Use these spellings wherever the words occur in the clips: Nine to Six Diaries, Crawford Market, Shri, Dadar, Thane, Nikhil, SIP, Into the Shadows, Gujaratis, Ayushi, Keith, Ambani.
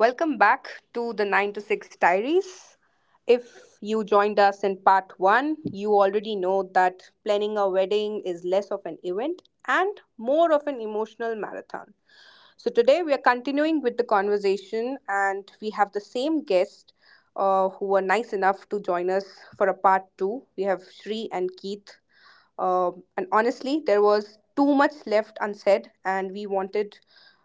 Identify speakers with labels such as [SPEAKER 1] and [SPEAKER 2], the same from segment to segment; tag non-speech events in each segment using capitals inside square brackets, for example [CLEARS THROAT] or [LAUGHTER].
[SPEAKER 1] Welcome back to the 9 to 6 Diaries. If you joined us in part 1, you already know that planning a wedding is less of an event and more of an emotional marathon. So today we are continuing with the conversation and we have the same guest who were nice enough to join us for a part 2. We have Shri and Keith. And honestly, there was too much left unsaid, and we wanted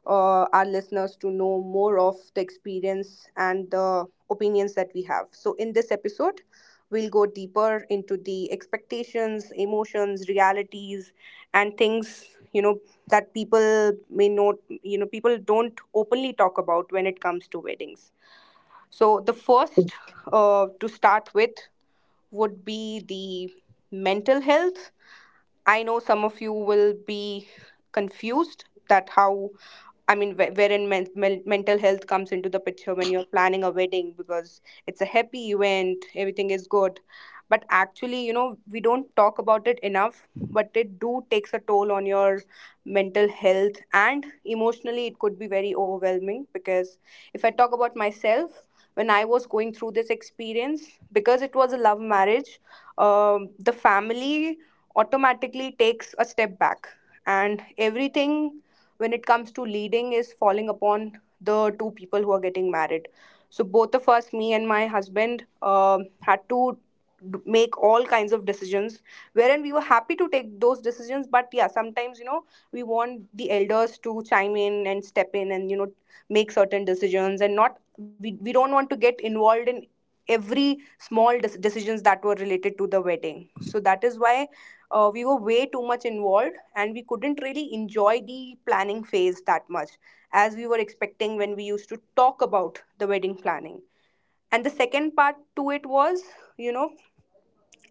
[SPEAKER 1] our listeners to know more of the experience and the opinions that we have. So, in this episode, we'll go deeper into the expectations, emotions, realities, and things, that people may not, people don't openly talk about when it comes to weddings. So, the first, to start with, would be the mental health. I know some of you will be confused that how, I mean, wherein mental health comes into the picture when you're planning a wedding, because it's a happy event, everything is good. But actually, we don't talk about it enough, but it do takes a toll on your mental health, and emotionally it could be very overwhelming, because if I talk about myself, when I was going through this experience, because it was a love marriage, the family automatically takes a step back, and everything when it comes to leading is falling upon the two people who are getting married. So both of us, me and my husband, had to make all kinds of decisions, wherein we were happy to take those decisions, but yeah, sometimes, we want the elders to chime in and step in and, make certain decisions, and not, we don't want to get involved in every small decisions that were related to the wedding. So that is why we were way too much involved and we couldn't really enjoy the planning phase that much as we were expecting when we used to talk about the wedding planning. And the second part to it was, you know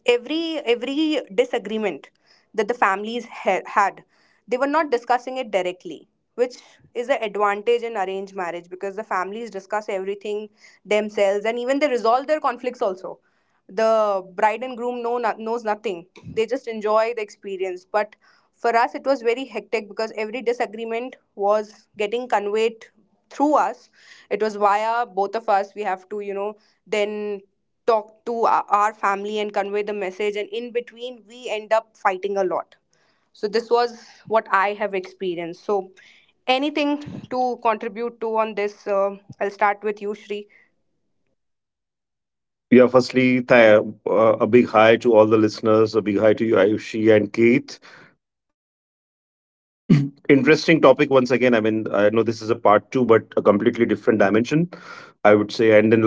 [SPEAKER 1] every disagreement that the families had, they were not discussing it directly, which is an advantage in arranged marriage, because the families discuss everything themselves, and even they resolve their conflicts also. The bride and groom knows nothing, they just enjoy the experience. But for us it was very hectic, because every disagreement was getting conveyed through us. It was via both of us, we have to, then talk to our family and convey the message, and in between we end up fighting a lot. So this was what I have experienced. So, anything to contribute to on this, I'll start with you, Shri.
[SPEAKER 2] Firstly, a big hi to all the listeners, a big hi to you, Ayushi and Keith. [CLEARS THROAT] Interesting topic once again. I know this is a part two, but a completely different dimension, I would say. And then, like you said,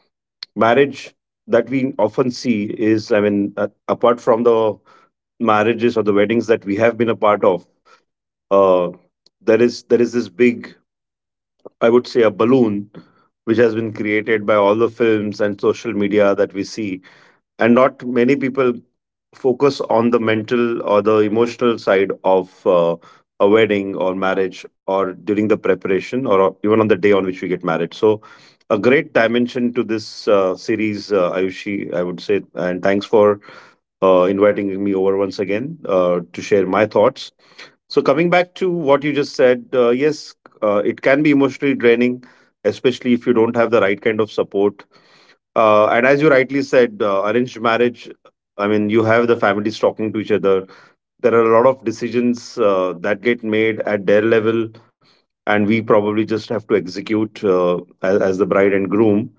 [SPEAKER 2] marriage that we often see is, apart from the marriages or the weddings that we have been a part of, uh, there is this big, I would say, a balloon which has been created by all the films and social media that we see, and not many people focus on the mental or the emotional side of a wedding or marriage, or during the preparation, or even on the day on which we get married. So a great dimension to this series, Ayushi, I would say, and thanks for inviting me over once again, to share my thoughts. So coming back to what you just said, yes, it can be emotionally draining, especially if you don't have the right kind of support. Uh, and as you rightly said, arranged marriage, I mean, you have the families talking to each other. There are a lot of decisions that get made at their level, and we probably just have to execute, as the bride and groom.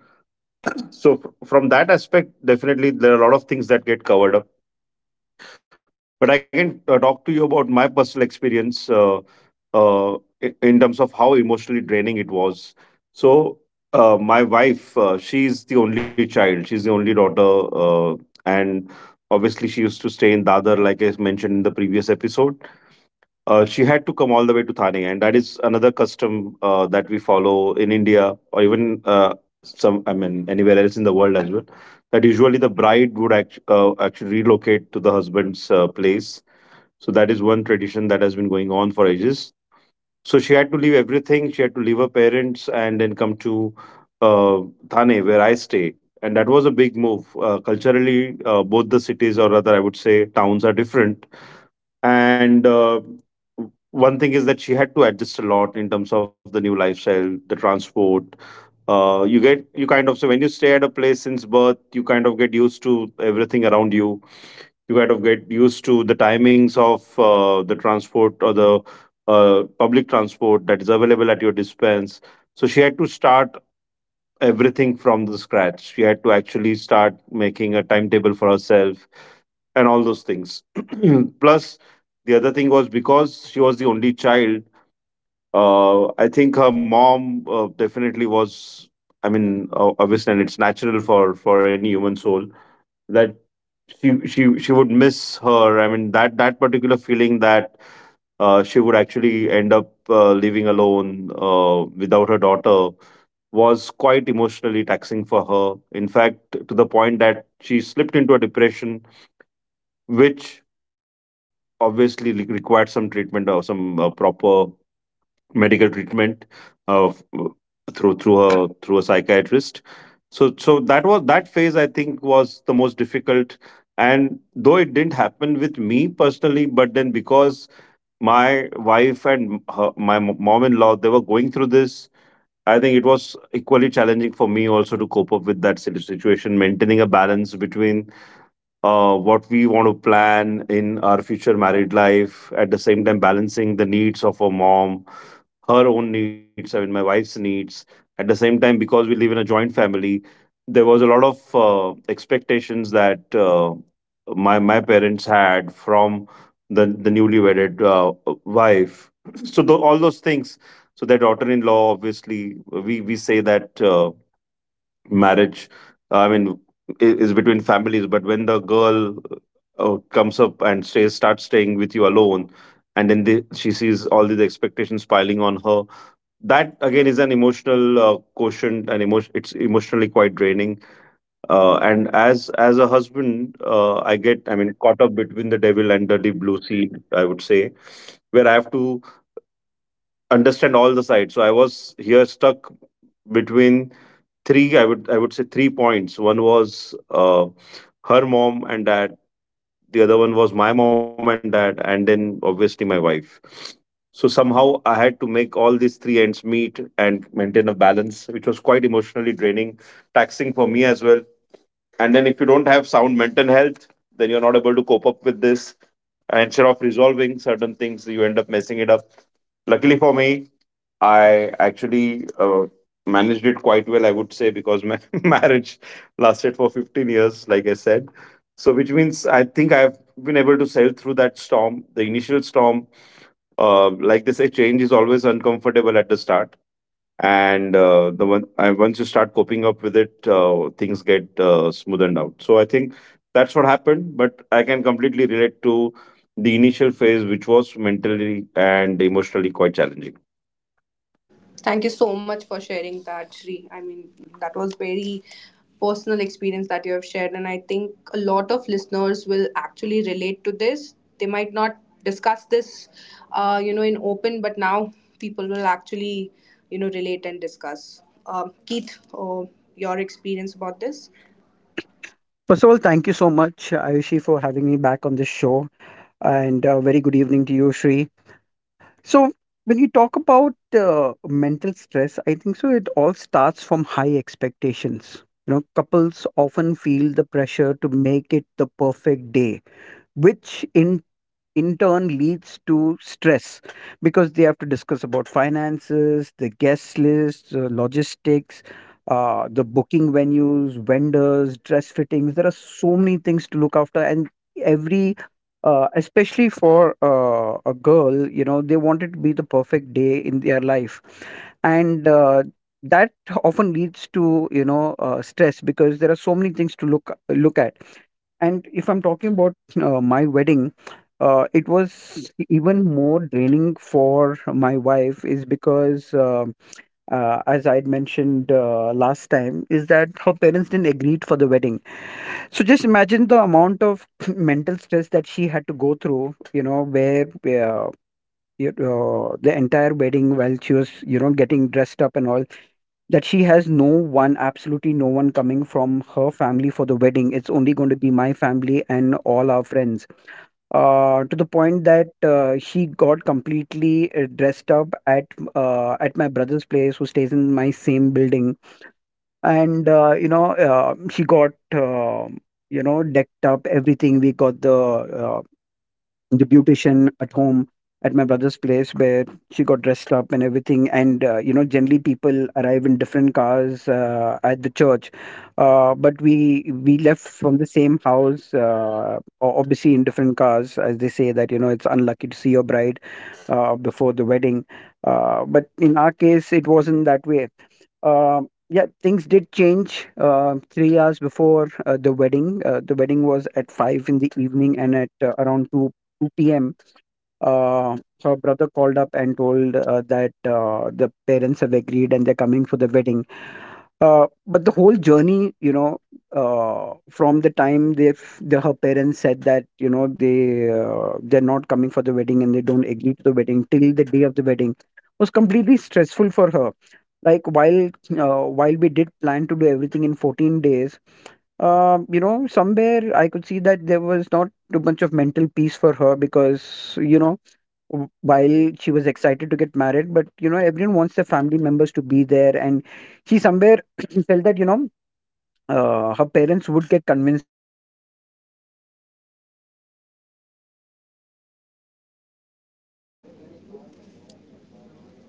[SPEAKER 2] So, from that aspect, definitely there are a lot of things that get covered up. But I can talk to you about my personal experience, uh, in terms of how emotionally draining it was. So, my wife, she's the only child, she's the only daughter, uh, and obviously, she used to stay in Dadar, like I mentioned in the previous episode. She had to come all the way to Thane, and that is another custom that we follow in India, or even some, I mean, anywhere else in the world as well. That usually the bride would actually relocate to the husband's place. So that is one tradition that has been going on for ages. So she had to leave everything. She had to leave her parents and then come to uh, Thane, where I stay. And that was a big move. Culturally, both the cities, or rather, I would say, towns, are different, and one thing is that she had to adjust a lot in terms of the new lifestyle, the transport. Uh, you get you kind of so when you stay at a place since birth, you kind of get used to everything around you. You kind of get used to the timings of the transport, or the public transport that is available at your dispense. So she had to start everything from the scratch. She had to actually start making a timetable for herself and all those things. [CLEARS THROAT] Plus, the other thing was, because she was the only child, I think her mom definitely was. I mean, obviously, and it's natural for any human soul, that she would miss her. I mean, that that particular feeling, that she would actually end up living alone without her daughter, was quite emotionally taxing for her. In fact, to the point that she slipped into a depression which obviously required some treatment, or some proper medical treatment, uh, f- through her, through a psychiatrist. So, so that was, that phase I think was the most difficult. And though it didn't happen with me personally, but then, because my wife and her, my mom in law they were going through this, I think it was equally challenging for me also to cope up with that situation, maintaining a balance between what we want to plan in our future married life, at the same time balancing the needs of our mom, her own needs, I mean, my wife's needs. At the same time, because we live in a joint family, there was a lot of expectations that my parents had from the newly wedded wife. So all those things. So their daughter-in-law, obviously, we say that. Marriage, I mean, is between families, but when the girl comes up and stays starts staying with you alone, and then the, she sees all these expectations piling on her, that again is an emotional quotient, and emotion it's emotionally quite draining. Uh, and as a husband, I get, I mean, caught up between the devil and the deep blue sea, I would say, where I have to understand all the sides. So I was here stuck between three. I would say three points. One was her mom and dad. The other one was my mom and dad, and then obviously my wife. So somehow I had to make all these three ends meet and maintain a balance, which was quite emotionally draining, taxing for me as well. And then if you don't have sound mental health, then you're not able to cope up with this. And instead of resolving certain things, you end up messing it up. Luckily for me, I actually managed it quite well, I would say, because my [LAUGHS] marriage lasted for 15 years, like I said. So, which means I think I've been able to sail through that storm, the initial storm. Like they say, change is always uncomfortable at the start, and the one once you start coping up with it, things get smoothened out. So I think that's what happened. But I can completely relate to the initial phase, which was mentally and emotionally quite challenging.
[SPEAKER 1] Thank you so much for sharing that, Shri. I mean, that was very personal experience that you have shared, and I think a lot of listeners will actually relate to this. They might not discuss this, in open, but now people will actually, relate and discuss. Keith, your experience about this?
[SPEAKER 3] First of all, thank you so much, Ayushi, for having me back on this show. And a very good evening to you, Shri. So, when you talk about mental stress, I think so it all starts from high expectations. You know, couples often feel the pressure to make it the perfect day, which in turn leads to stress because they have to discuss about finances, the guest list, logistics, the booking venues, vendors, dress fittings. There are so many things to look after, and every especially for a girl, you know, they want it to be the perfect day in their life, and that often leads to you know stress because there are so many things to look at. And if I'm talking about my wedding, it was even more draining for my wife, is because, as I had mentioned last time, is that her parents didn't agree for the wedding. So just imagine the amount of [CLEARS THROAT] mental stress that she had to go through, you know, where the entire wedding while she was, you know, getting dressed up and all that she has no one, absolutely no one coming from her family for the wedding. It's only going to be my family and all our friends. To the point that she got completely dressed up at my brother's place, who stays in my same building, and she got decked up everything. We got the beautician at home at my brother's place where she got dressed up and everything. And you know, generally people arrive in different cars at the church, but we left from the same house, obviously in different cars, as they say that you know it's unlucky to see your bride before the wedding, but in our case it wasn't that way. Yeah, things did change. 3 hours before the wedding was at five in the evening, and at around two p.m., uh, her brother called up and told that the parents have agreed and they're coming for the wedding. But the whole journey, you know, from the time her parents said that you know they're not coming for the wedding and they don't agree to the wedding till the day of the wedding was completely stressful for her. Like while we did plan to do everything in 14 days, you know, somewhere I could see that there was not too much of mental peace for her, because you know while she was excited to get married, but you know everyone wants their family members to be there. And she somewhere [CLEARS THROAT] felt that you know her parents would get convinced, but when till the last day she had told, she was you know, she had told me back after we got married that um,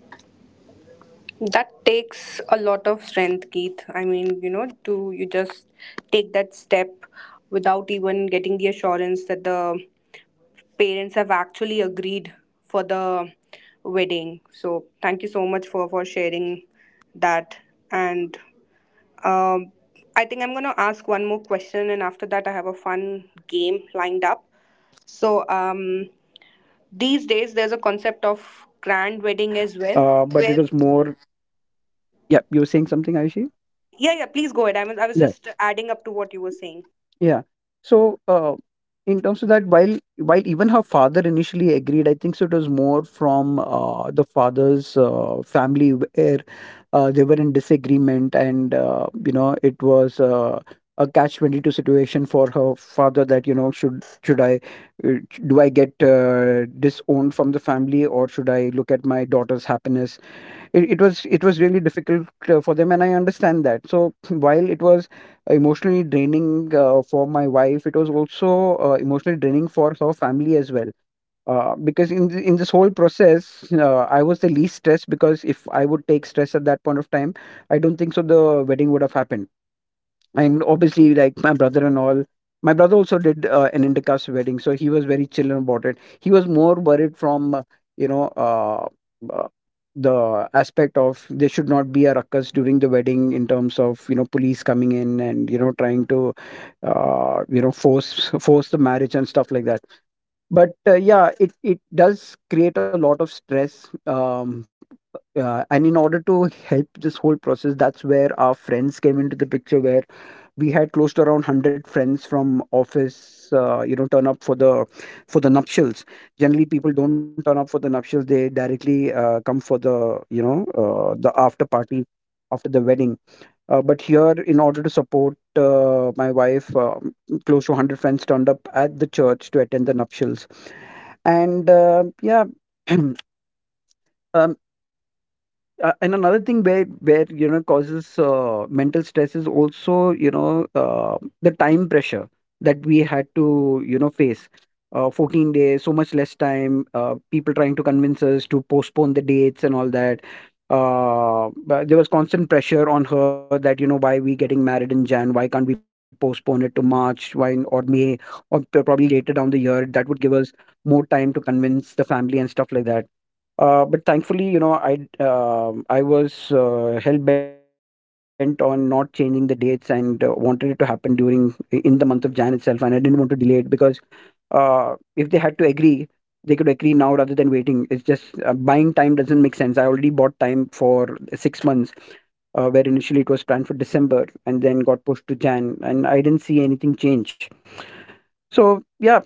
[SPEAKER 3] uh,
[SPEAKER 1] That
[SPEAKER 3] on
[SPEAKER 1] takes
[SPEAKER 3] the
[SPEAKER 1] a
[SPEAKER 3] day
[SPEAKER 1] lot
[SPEAKER 3] before
[SPEAKER 1] of
[SPEAKER 3] the
[SPEAKER 1] strength,
[SPEAKER 3] wedding,
[SPEAKER 1] Keith.
[SPEAKER 3] you
[SPEAKER 1] I
[SPEAKER 3] know,
[SPEAKER 1] mean,
[SPEAKER 3] her
[SPEAKER 1] to
[SPEAKER 3] brother's
[SPEAKER 1] you just
[SPEAKER 3] friends, you know,
[SPEAKER 1] take that
[SPEAKER 3] he has
[SPEAKER 1] step
[SPEAKER 3] a very close
[SPEAKER 1] without
[SPEAKER 3] net of
[SPEAKER 1] even
[SPEAKER 3] friends,
[SPEAKER 1] getting the assurance that
[SPEAKER 3] around
[SPEAKER 1] the
[SPEAKER 3] 25 of them. They were all
[SPEAKER 1] parents
[SPEAKER 3] at
[SPEAKER 1] have actually
[SPEAKER 3] her
[SPEAKER 1] agreed
[SPEAKER 3] place
[SPEAKER 1] for the
[SPEAKER 3] trying to convince
[SPEAKER 1] wedding. So thank
[SPEAKER 3] her
[SPEAKER 1] you so much
[SPEAKER 3] father
[SPEAKER 1] for
[SPEAKER 3] till 6
[SPEAKER 1] sharing
[SPEAKER 3] o'clock in the morning
[SPEAKER 1] that.
[SPEAKER 3] to, you know,
[SPEAKER 1] And,
[SPEAKER 3] agree to the
[SPEAKER 1] um,
[SPEAKER 3] wedding and come for
[SPEAKER 1] I
[SPEAKER 3] the
[SPEAKER 1] think I'm
[SPEAKER 3] wedding.
[SPEAKER 1] gonna ask
[SPEAKER 3] Uh,
[SPEAKER 1] one more
[SPEAKER 3] but
[SPEAKER 1] question,
[SPEAKER 3] it
[SPEAKER 1] and after
[SPEAKER 3] was
[SPEAKER 1] that, I have a
[SPEAKER 3] all on deaf
[SPEAKER 1] fun
[SPEAKER 3] ears.
[SPEAKER 1] game lined
[SPEAKER 3] her,
[SPEAKER 1] up.
[SPEAKER 3] her mom, thankfully her
[SPEAKER 1] So,
[SPEAKER 3] mom was in agreement right from the
[SPEAKER 1] these
[SPEAKER 3] start and
[SPEAKER 1] days, there's
[SPEAKER 3] never
[SPEAKER 1] a
[SPEAKER 3] had
[SPEAKER 1] concept
[SPEAKER 3] too much
[SPEAKER 1] of
[SPEAKER 3] of a
[SPEAKER 1] grand
[SPEAKER 3] problem.
[SPEAKER 1] wedding as well.
[SPEAKER 3] But it
[SPEAKER 1] Where,
[SPEAKER 3] was more, yeah, you were saying something, Aishi?
[SPEAKER 1] yeah, yeah, please go ahead. I was
[SPEAKER 3] Yeah.
[SPEAKER 1] just adding up to what you were saying.
[SPEAKER 3] yeah so in terms of that, while even her father initially agreed, I think so it was more from the father's family. Uh, they were in disagreement and you know it was a catch 22 situation for her father, that you know should I uh, do I get disowned from the family or should I look at my daughter's happiness? It was, it was really difficult for them, and I understand that. So [CLEARS THROAT] while it was emotionally draining for my wife, it was also emotionally draining for her family as well, because in this whole process, I was the least stressed, because if I would take stress at that point of time, I don't think so the wedding would have happened. And obviously, like my brother and all, my brother also did an intercaste wedding, so he was very chill about it. He was more worried from you know uh, uh, the aspect of, there should not be a ruckus during the wedding in terms of you know police coming in and you know trying to you know force the marriage and stuff like that. But, yeah, it does create a lot of stress. And in order to help this whole process, that's where our friends came into the picture, where we had close to around 100 friends from office, you know, turn up for the nuptials. Generally, people don't turn up for the nuptials. They directly, come for the, you know, the after party after the wedding. But here, in order to support my wife, close to 100 friends turned up at the church to attend the nuptials. And yeah. [CLEARS THROAT] um, and another thing where you know causes mental stress is also you know the time pressure that we had to you know face. 14 days, so much less time. People trying to convince us to postpone the dates and all that. But there was constant pressure on her that you know why we getting married in Jan? Why can't we postpone it to March? Or May probably later down the year? That would give us more time to convince the family and stuff like that. But thankfully, you know, I was hell bent on not changing the dates and wanted it to happen during in the month of Jan itself, and I didn't want to delay it because if they had to agree, they could agree now rather than waiting. It's just buying time doesn't make sense. I already bought time for 6 months, where initially it was planned for December and then got pushed to Jan, and I didn't see anything change. So yeah,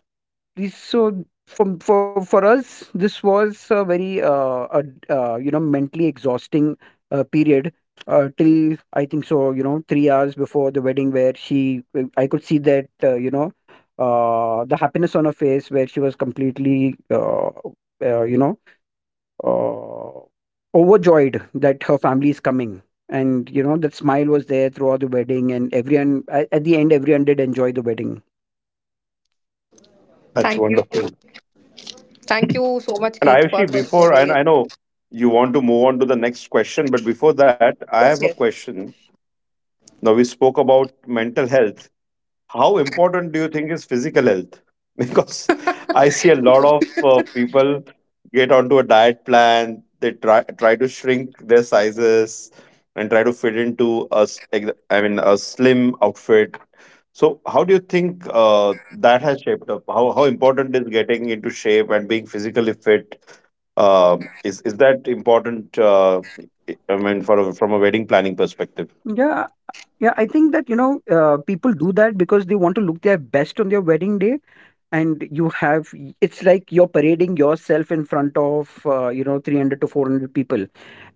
[SPEAKER 3] this- So from for us, this was a very you know, mentally exhausting period till I think so you know 3 hours before the wedding, where she I could see that the happiness on her face, where she was completely uh, you know overjoyed that her family is coming. And you know that smile was there throughout the wedding, and everyone at the end, everyone did enjoy the wedding.
[SPEAKER 1] Thank
[SPEAKER 2] That's
[SPEAKER 1] you,
[SPEAKER 2] wonderful.
[SPEAKER 1] thank you so much,
[SPEAKER 2] And
[SPEAKER 1] Keith, for
[SPEAKER 2] Ayushi,
[SPEAKER 1] for
[SPEAKER 2] before,
[SPEAKER 1] sharing it.
[SPEAKER 2] and I know you want to move on to the next question, but before that I
[SPEAKER 1] Yes,
[SPEAKER 2] have a
[SPEAKER 1] yes.
[SPEAKER 2] question. Now we spoke about mental health. How important do you think is physical health? [LAUGHS] Because I
[SPEAKER 1] [LAUGHS]
[SPEAKER 2] see a lot of people get onto a diet plan. They try to shrink their sizes and try to fit into a, I mean, a slim outfit. So, how do you think that has shaped up? How important is getting into shape and being physically fit? Is that important? I mean, from a wedding planning perspective.
[SPEAKER 3] Yeah. Yeah, I think that, you know, people do that because they want to look their best on their wedding day. And you have, it's like you're parading yourself in front of, you know, 300 to 400 people.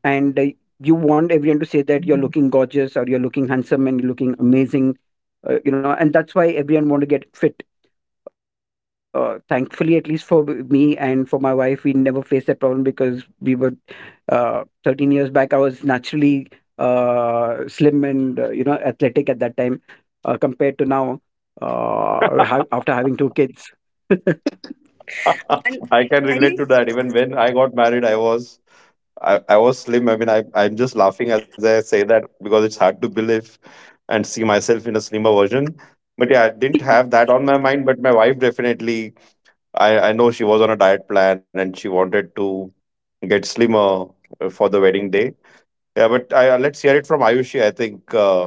[SPEAKER 3] And you want everyone to say that you're looking gorgeous or you're looking handsome and you're looking amazing, you know, and that's why everyone want to get fit. Thankfully, at least for me and for my wife, we never faced that problem because we were 13 years back. I was naturally slim and you know athletic at that time, compared to now,
[SPEAKER 2] [LAUGHS]
[SPEAKER 3] after having two kids. [LAUGHS]
[SPEAKER 2] [LAUGHS]
[SPEAKER 1] And
[SPEAKER 2] I can
[SPEAKER 1] I
[SPEAKER 2] relate to
[SPEAKER 1] mean,
[SPEAKER 2] that. Even when I got married, I was, I was slim. I mean, I'm just laughing as I say that because it's hard to believe and see myself in a slimmer version. But yeah, I didn't have that on my mind. But my wife definitely, I know she was on a diet plan and she wanted to get slimmer for the wedding day. Yeah, but let's hear it from Ayushi. I think uh,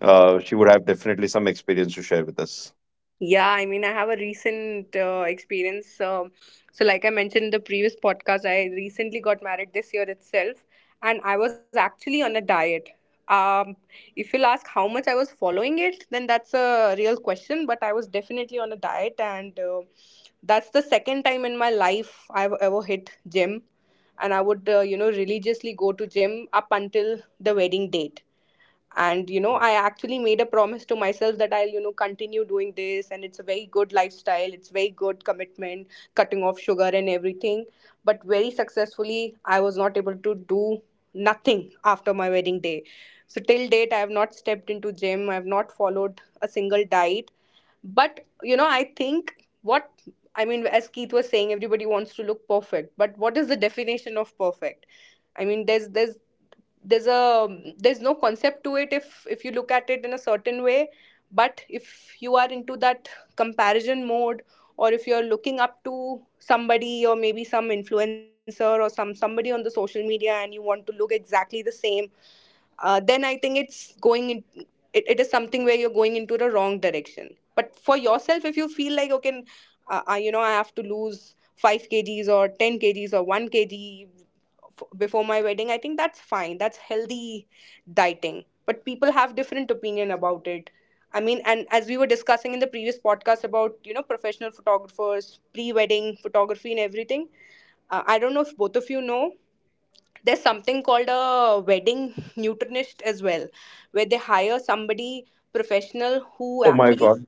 [SPEAKER 2] uh, she would have definitely some experience to share with us.
[SPEAKER 1] yeah, I mean, I have a recent experience. So, like I mentioned in the previous podcast, I recently got married this year itself, and I was actually on a diet. Um, if you'll ask how much I was following it, then that's a real question, but I was definitely on a diet, and that's the second time in my life I've ever hit gym. And I would, religiously go to gym up until the wedding date, and, I actually made a promise to myself that I'll, continue doing this, and it's a very good lifestyle, it's very good commitment, cutting off sugar and everything, but very successfully I was not able to do nothing after my wedding day. So till date I have not stepped into gym, I have not followed a single diet. But, I think what I mean, as Keith was saying, everybody wants to look perfect. But what is the definition of perfect? I mean, there's a there's no concept to it, if you look at it in a certain way. But if you are into that comparison mode, or if you're looking up to somebody, or maybe some influencer or somebody on the social media, and you want to look exactly the same, then I think it's going in, it is something where you're going into the wrong direction. But for yourself, if you feel like, okay, I have to lose 5 kgs or 10 kgs or 1 kg before my wedding, I think that's fine. That's healthy dieting. But people have different opinion about it. I mean, and as we were discussing in the previous podcast about, professional photographers, pre-wedding photography and everything, I don't know if both of you know, there's something called a wedding nutritionist as well, where they hire somebody professional who
[SPEAKER 2] Oh my
[SPEAKER 1] actually,
[SPEAKER 2] God.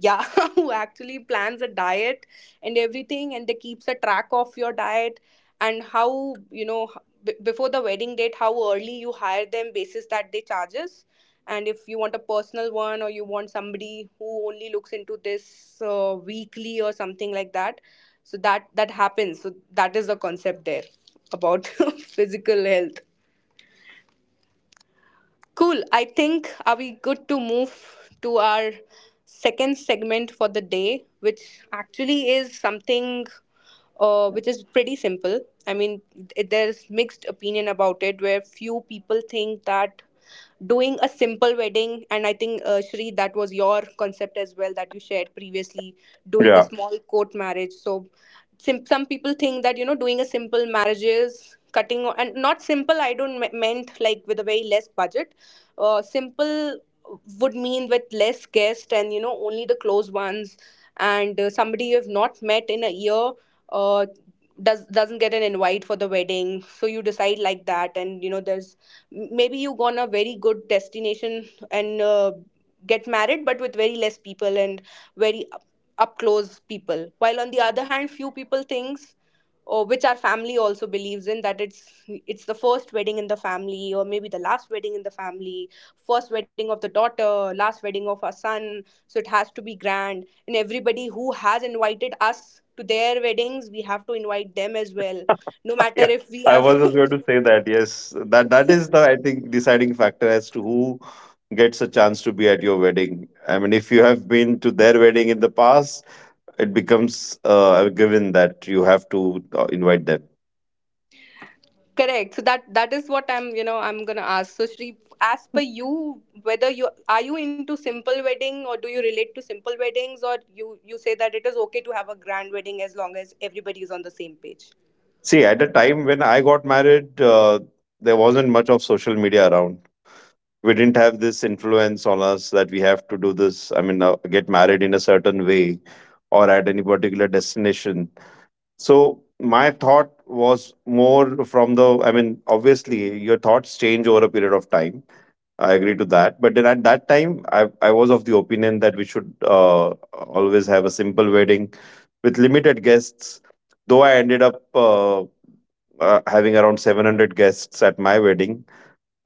[SPEAKER 1] yeah, [LAUGHS] who actually plans a diet and everything, and they keeps a track of your diet, and how, before the wedding date, how early you hire them, basis that they charges, and if you want a personal one or you want somebody who only looks into this, weekly or something like that. So that that happens, so that is the concept there about [LAUGHS] physical health. Cool. I think, are we good to move to our second segment for the day, which actually is something which is pretty simple. I mean, there's mixed opinion about it, where few people think that doing a simple wedding, and I think, Shri, that was your concept as well that you shared previously, doing a
[SPEAKER 2] Yeah.
[SPEAKER 1] small court marriage. So, some people think that, doing a simple marriage is cutting and not simple. I don't meant like with a very less budget, simple would mean with less guests, and, only the close ones, and somebody you have not met in a year, uh, doesn't get an invite for the wedding, so you decide like that, and, there's maybe you go on a very good destination, and, get married but with very less people and very up close people, while on the other hand few people thinks, or which our family also believes in, that it's the first wedding in the family, or maybe the last wedding in the family, first wedding of the daughter, last wedding of our son. So it has to be grand. And everybody who has invited us to their weddings, we have to invite them as well. No
[SPEAKER 2] [LAUGHS]
[SPEAKER 1] matter
[SPEAKER 2] Yeah,
[SPEAKER 1] if we
[SPEAKER 2] I
[SPEAKER 1] have.
[SPEAKER 2] was just going to say that. Yes, that that is the, I think, deciding factor as to who gets a chance to be at your wedding. I mean, if you have been to their wedding in the past, it becomes a given that you have to invite them.
[SPEAKER 1] [LAUGHS] Correct. So that is what I'm you know I'm gonna ask. So Shri, as per you, whether you into simple wedding, or do you relate to simple weddings, or you say that it is okay to have a grand wedding as long as everybody is on the same page.
[SPEAKER 2] See, at the time when I got married, there wasn't much of social media around. We didn't have this influence on us that we have to do this. I mean, get married in a certain way or at any particular destination. So my thought was more from the, I mean, obviously your thoughts change over a period of time. I agree to that. But then at that time, I was of the opinion that we should always have a simple wedding with limited guests. Though I ended up having around 700 guests at my wedding,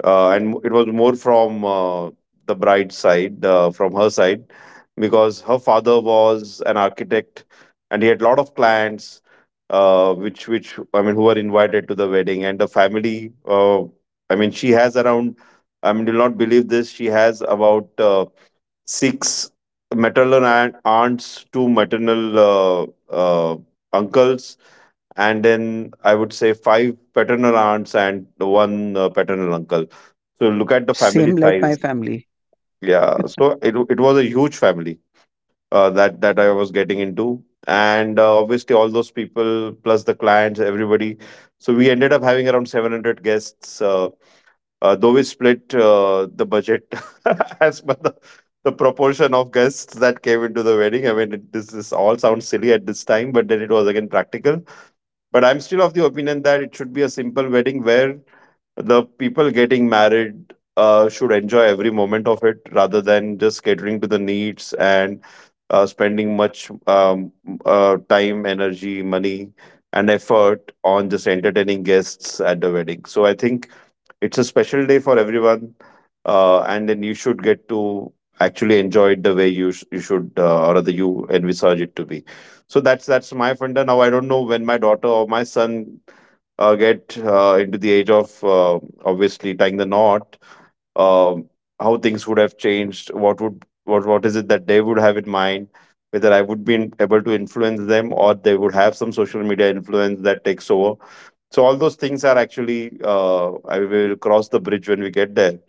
[SPEAKER 2] and it was more from the bride's side, from her side, because her father was an architect, and he had a lot of clients, which I mean, who were invited to the wedding, and the family. I mean, she has around, I mean, you'll not believe this, she has about six maternal aunts, two maternal uh, uncles, and then I would say five paternal aunts and one paternal uncle. So look at the family
[SPEAKER 3] Same like
[SPEAKER 2] size.
[SPEAKER 3] my family.
[SPEAKER 2] Yeah, so it was a huge family that I was getting into, and obviously all those people plus the clients, everybody. So we ended up having around 700 guests. Though we split the budget [LAUGHS] as per the proportion of guests that came into the wedding. I mean, it, this all sounds silly at this time, but then it was again practical, but I'm still of the opinion that it should be a simple wedding where the people getting married should enjoy every moment of it rather than just catering to the needs and spending much time, energy, money, and effort on just entertaining guests at the wedding. So I think it's a special day for everyone, and then you should get to actually enjoy it the way you you should, or rather you envisage it to be. So that's my funda. Now I don't know when my daughter or my son get into the age of obviously tying the knot. um, how things would have changed, what would, what is it that they would have in mind, whether I would be able to influence them, or they would have some social media influence that takes over. So all those things are actually, I will cross the bridge when we get there.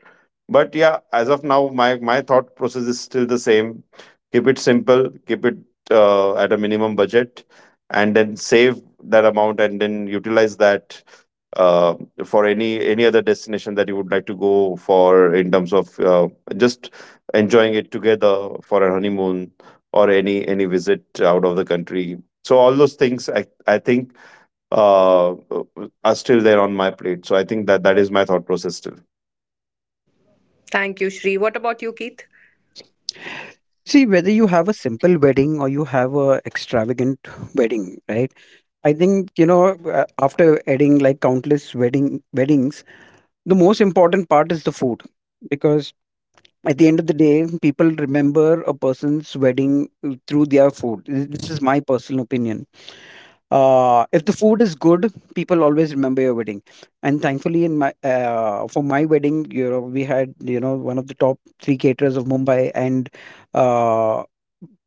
[SPEAKER 2] But yeah, as of now, my thought process is still the same. Keep it simple, keep it at a minimum budget, and then save that amount and then utilize that uh, for any other destination that you would like to go for, in terms of just enjoying it together for a honeymoon, or any visit out of the country. So all those things, I think, uh, are still there on my plate. So I think that is my thought process still.
[SPEAKER 1] Thank you, Shri. What about you, Keith?
[SPEAKER 3] See, whether you have a simple wedding or you have a extravagant [LAUGHS] wedding, right? I think you know after adding like countless weddings, the most important part is the food, because at the end of the day, people remember a person's wedding through their food. This is my personal opinion. If the food is good, people always remember your wedding. And thankfully, in my for my wedding, you know, we had you know one of the top three caterers of Mumbai, and uh,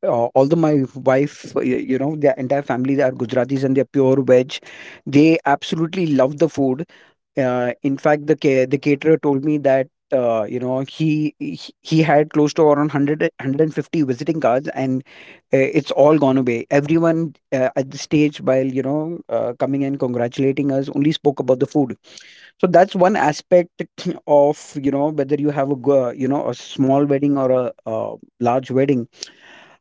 [SPEAKER 3] although my wife, you know, their entire family, they are Gujaratis and they're pure veg, they absolutely love the food. In fact, the caterer told me that you know he had close to around 100, 150 visiting cards, and it's all gone away. Everyone at the stage, while you know coming and congratulating us, only spoke about the food. So that's one aspect [CLEARS THROAT] of whether you have a a small wedding or a large wedding.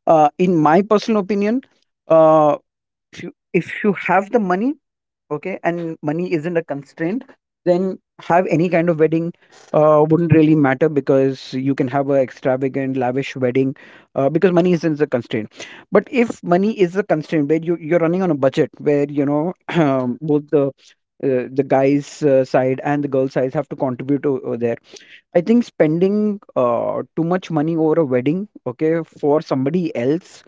[SPEAKER 3] In my personal opinion, uh, if you have the money, okay, and money isn't a constraint, then have any kind of wedding. Uh, wouldn't really matter because you can have a extravagant lavish wedding, because money isn't a constraint. But if money is a constraint, where you're running on a budget where [CLEARS THROAT] both the guys side and the girl side have to contribute over there, I think spending too much money over a wedding, okay, for somebody else,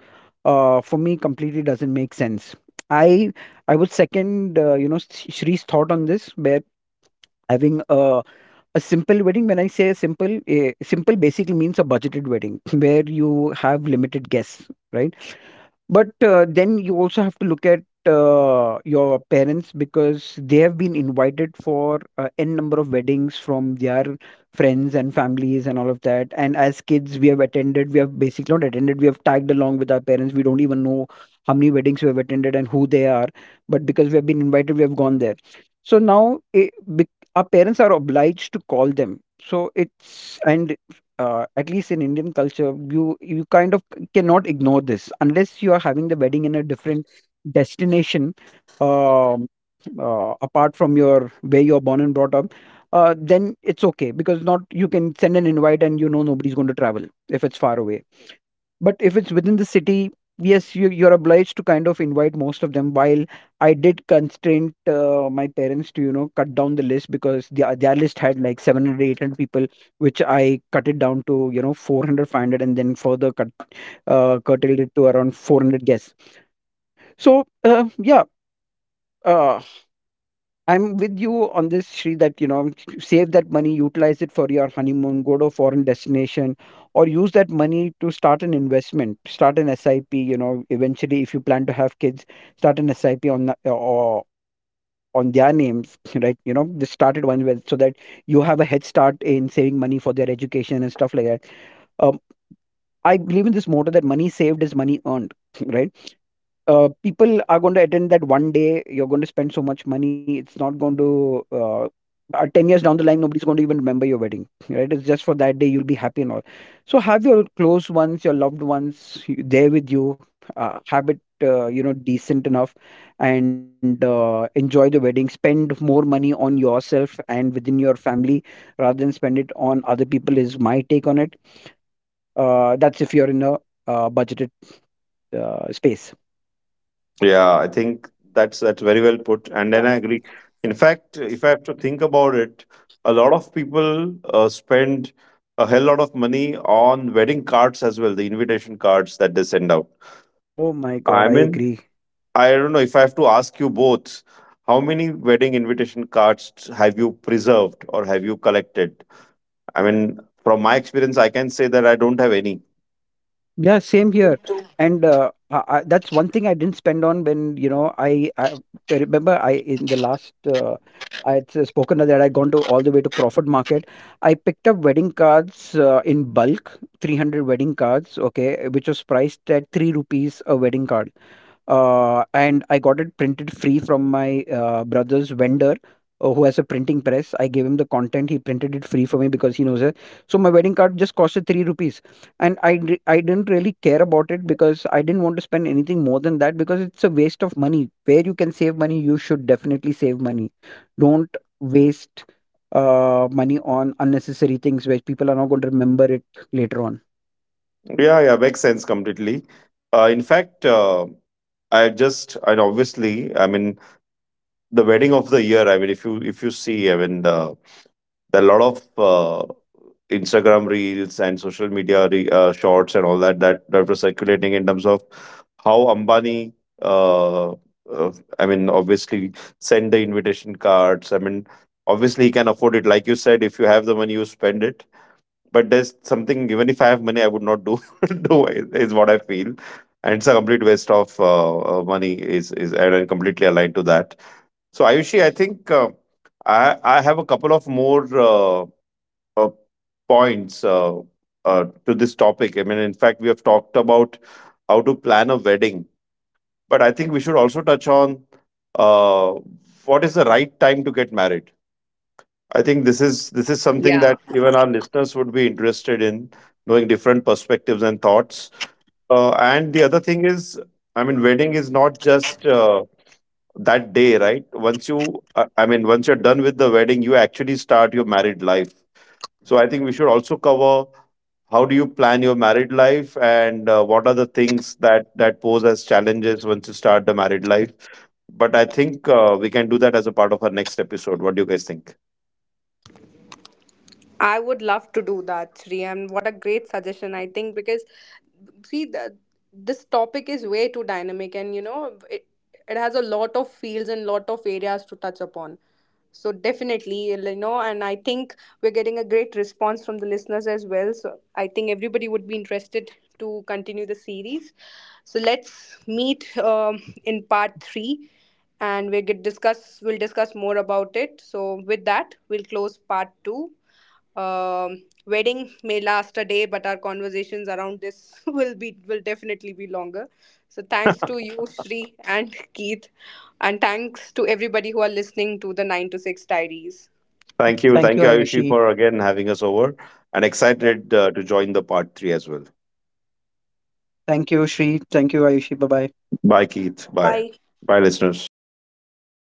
[SPEAKER 3] for me completely doesn't make sense. I I would second Shree's thought on this, where having a simple wedding. When I say a simple, a simple basically means a budgeted wedding [LAUGHS] where you have limited guests, right? But then you also have to look at your parents, because they have been invited for n number of weddings from their friends and families and all of that. And as kids, we have attended, we have basically not attended, we have tagged along with our parents. We don't even know how many weddings we have attended and who they are. But because we have been invited, we have gone there. So now, eh, bec our parents are obliged to call them. So it's, and at least in Indian culture, you kind of cannot ignore this, unless you are having the wedding in a different destination, um, apart from your where you are born and brought up. Then it's okay because not, you can send an invite and you know nobody's going to travel if it's far away. But if it's within the city, yes, you're obliged to kind of invite most of them. While I did constrain my parents to you know cut down the list, because their list had like 700 800 people, which I cut it down to you know 400 500, and then further cut curtailed it to around 400 guests. So yeah uh, I'm with you on this, Sri, that, you know, save that money, utilize it for your honeymoon, go to a foreign destination, or use that money to start an investment, start an SIP, you know, eventually if you plan to have kids, start an SIP on or on their names, [LAUGHS] right? You know, just started one with so that you have a head start in saving money for their education and stuff like that. Um, I believe in this motto that money saved is money earned, [LAUGHS] right? People are going to attend that one day. You're going to spend so much money. It's not going to. 10 years down the line, nobody's going to even remember your wedding, right? It's just for that day you'll be happy and all. So have your close ones, your loved ones, there with you. Have it decent enough, and enjoy the wedding. Spend more money on yourself and within your family rather than spend it on other people, is my take on it. That's if you're in a budgeted space.
[SPEAKER 2] Yeah, I think that's very well put, and then
[SPEAKER 1] Yeah,
[SPEAKER 2] I agree. In fact, if I have to think about it, a lot of people spend a hell lot of money on wedding cards as well, the invitation cards that they send out.
[SPEAKER 3] Oh my God,
[SPEAKER 2] I
[SPEAKER 3] I
[SPEAKER 2] mean,
[SPEAKER 3] agree.
[SPEAKER 2] I don't know, if I have to ask you both, how many wedding invitation cards have you preserved or have you collected? I mean, from my experience, I can say that I don't have any.
[SPEAKER 3] Yeah, same here.
[SPEAKER 1] me too.
[SPEAKER 3] And that's one thing I didn't spend on. When, you know, I remember I in the last, I had spoken that I'd gone to all the way to Crawford Market. I picked up wedding cards in bulk, 300 wedding cards, okay, which was priced at 3 rupees a wedding card. And I got it printed free from my brother's vendor, who has a printing press. I gave him the content. He printed it free for me because he knows it. So my wedding card just costed 3 rupees, and I didn't really care about it, because I didn't want to spend anything more than that, because it's a waste of money. Where you can save money, you should definitely save money. Don't waste money on unnecessary things where people are not going to remember it later on.
[SPEAKER 2] Yeah, yeah, makes sense completely. In fact, I just, and obviously, I mean, the wedding of the year, I mean, if you, if you see, I mean, the, there are a lot of Instagram reels and social media shorts and all that, that were circulating in terms of how Ambani, uh, uh, I mean, obviously, send the invitation cards. I mean, obviously, he can afford it. Like you said, if you have the money, you spend it. But there's something even if I have money I would not do [LAUGHS] do is what I feel, and it's a complete waste of money is, and I'm completely aligned to that. So Ayushi, I think, I have a couple of more uh, points to this topic. I mean, in fact, we have talked about how to plan a wedding, but I think we should also touch on uh, what is the right time to get married. I think this is something that even our listeners would be interested in, knowing different perspectives and thoughts. And the other thing is, I mean, wedding is not just that day, right? Once you, I mean, once you're done with the wedding, you actually start your married life. So I think we should also cover how do you plan your married life, and what are the things that pose as challenges once you start the married life. But I think we can do that as a part of our next episode. What do you guys think?
[SPEAKER 1] I would love to do that, Sri, and what a great suggestion, I think, because see, this topic is way too dynamic, and, it has a lot of fields and lot of areas to touch upon. So definitely, and I think we're getting a great response from the listeners as well. So I think everybody would be interested to continue the series. So let's meet, in part 3, and we get discuss. We'll discuss more about it. So with that, we'll close part 2. Wedding may last a day, but our conversations around this [LAUGHS] will definitely be longer. So thanks to you, Shri and Keith, and thanks to everybody who are listening to the 9 to 6 Diaries.
[SPEAKER 2] Thank you,
[SPEAKER 3] Thank you,
[SPEAKER 2] thank you, Ayushi,
[SPEAKER 3] Ayushi.
[SPEAKER 2] for again having us over, and
[SPEAKER 3] Yeah.
[SPEAKER 2] excited to join the part 3 as well.
[SPEAKER 3] Thank you, Shri. Thank you, Ayushi. Bye bye.
[SPEAKER 2] Bye Keith, bye.
[SPEAKER 1] Bye.
[SPEAKER 2] Bye, listeners.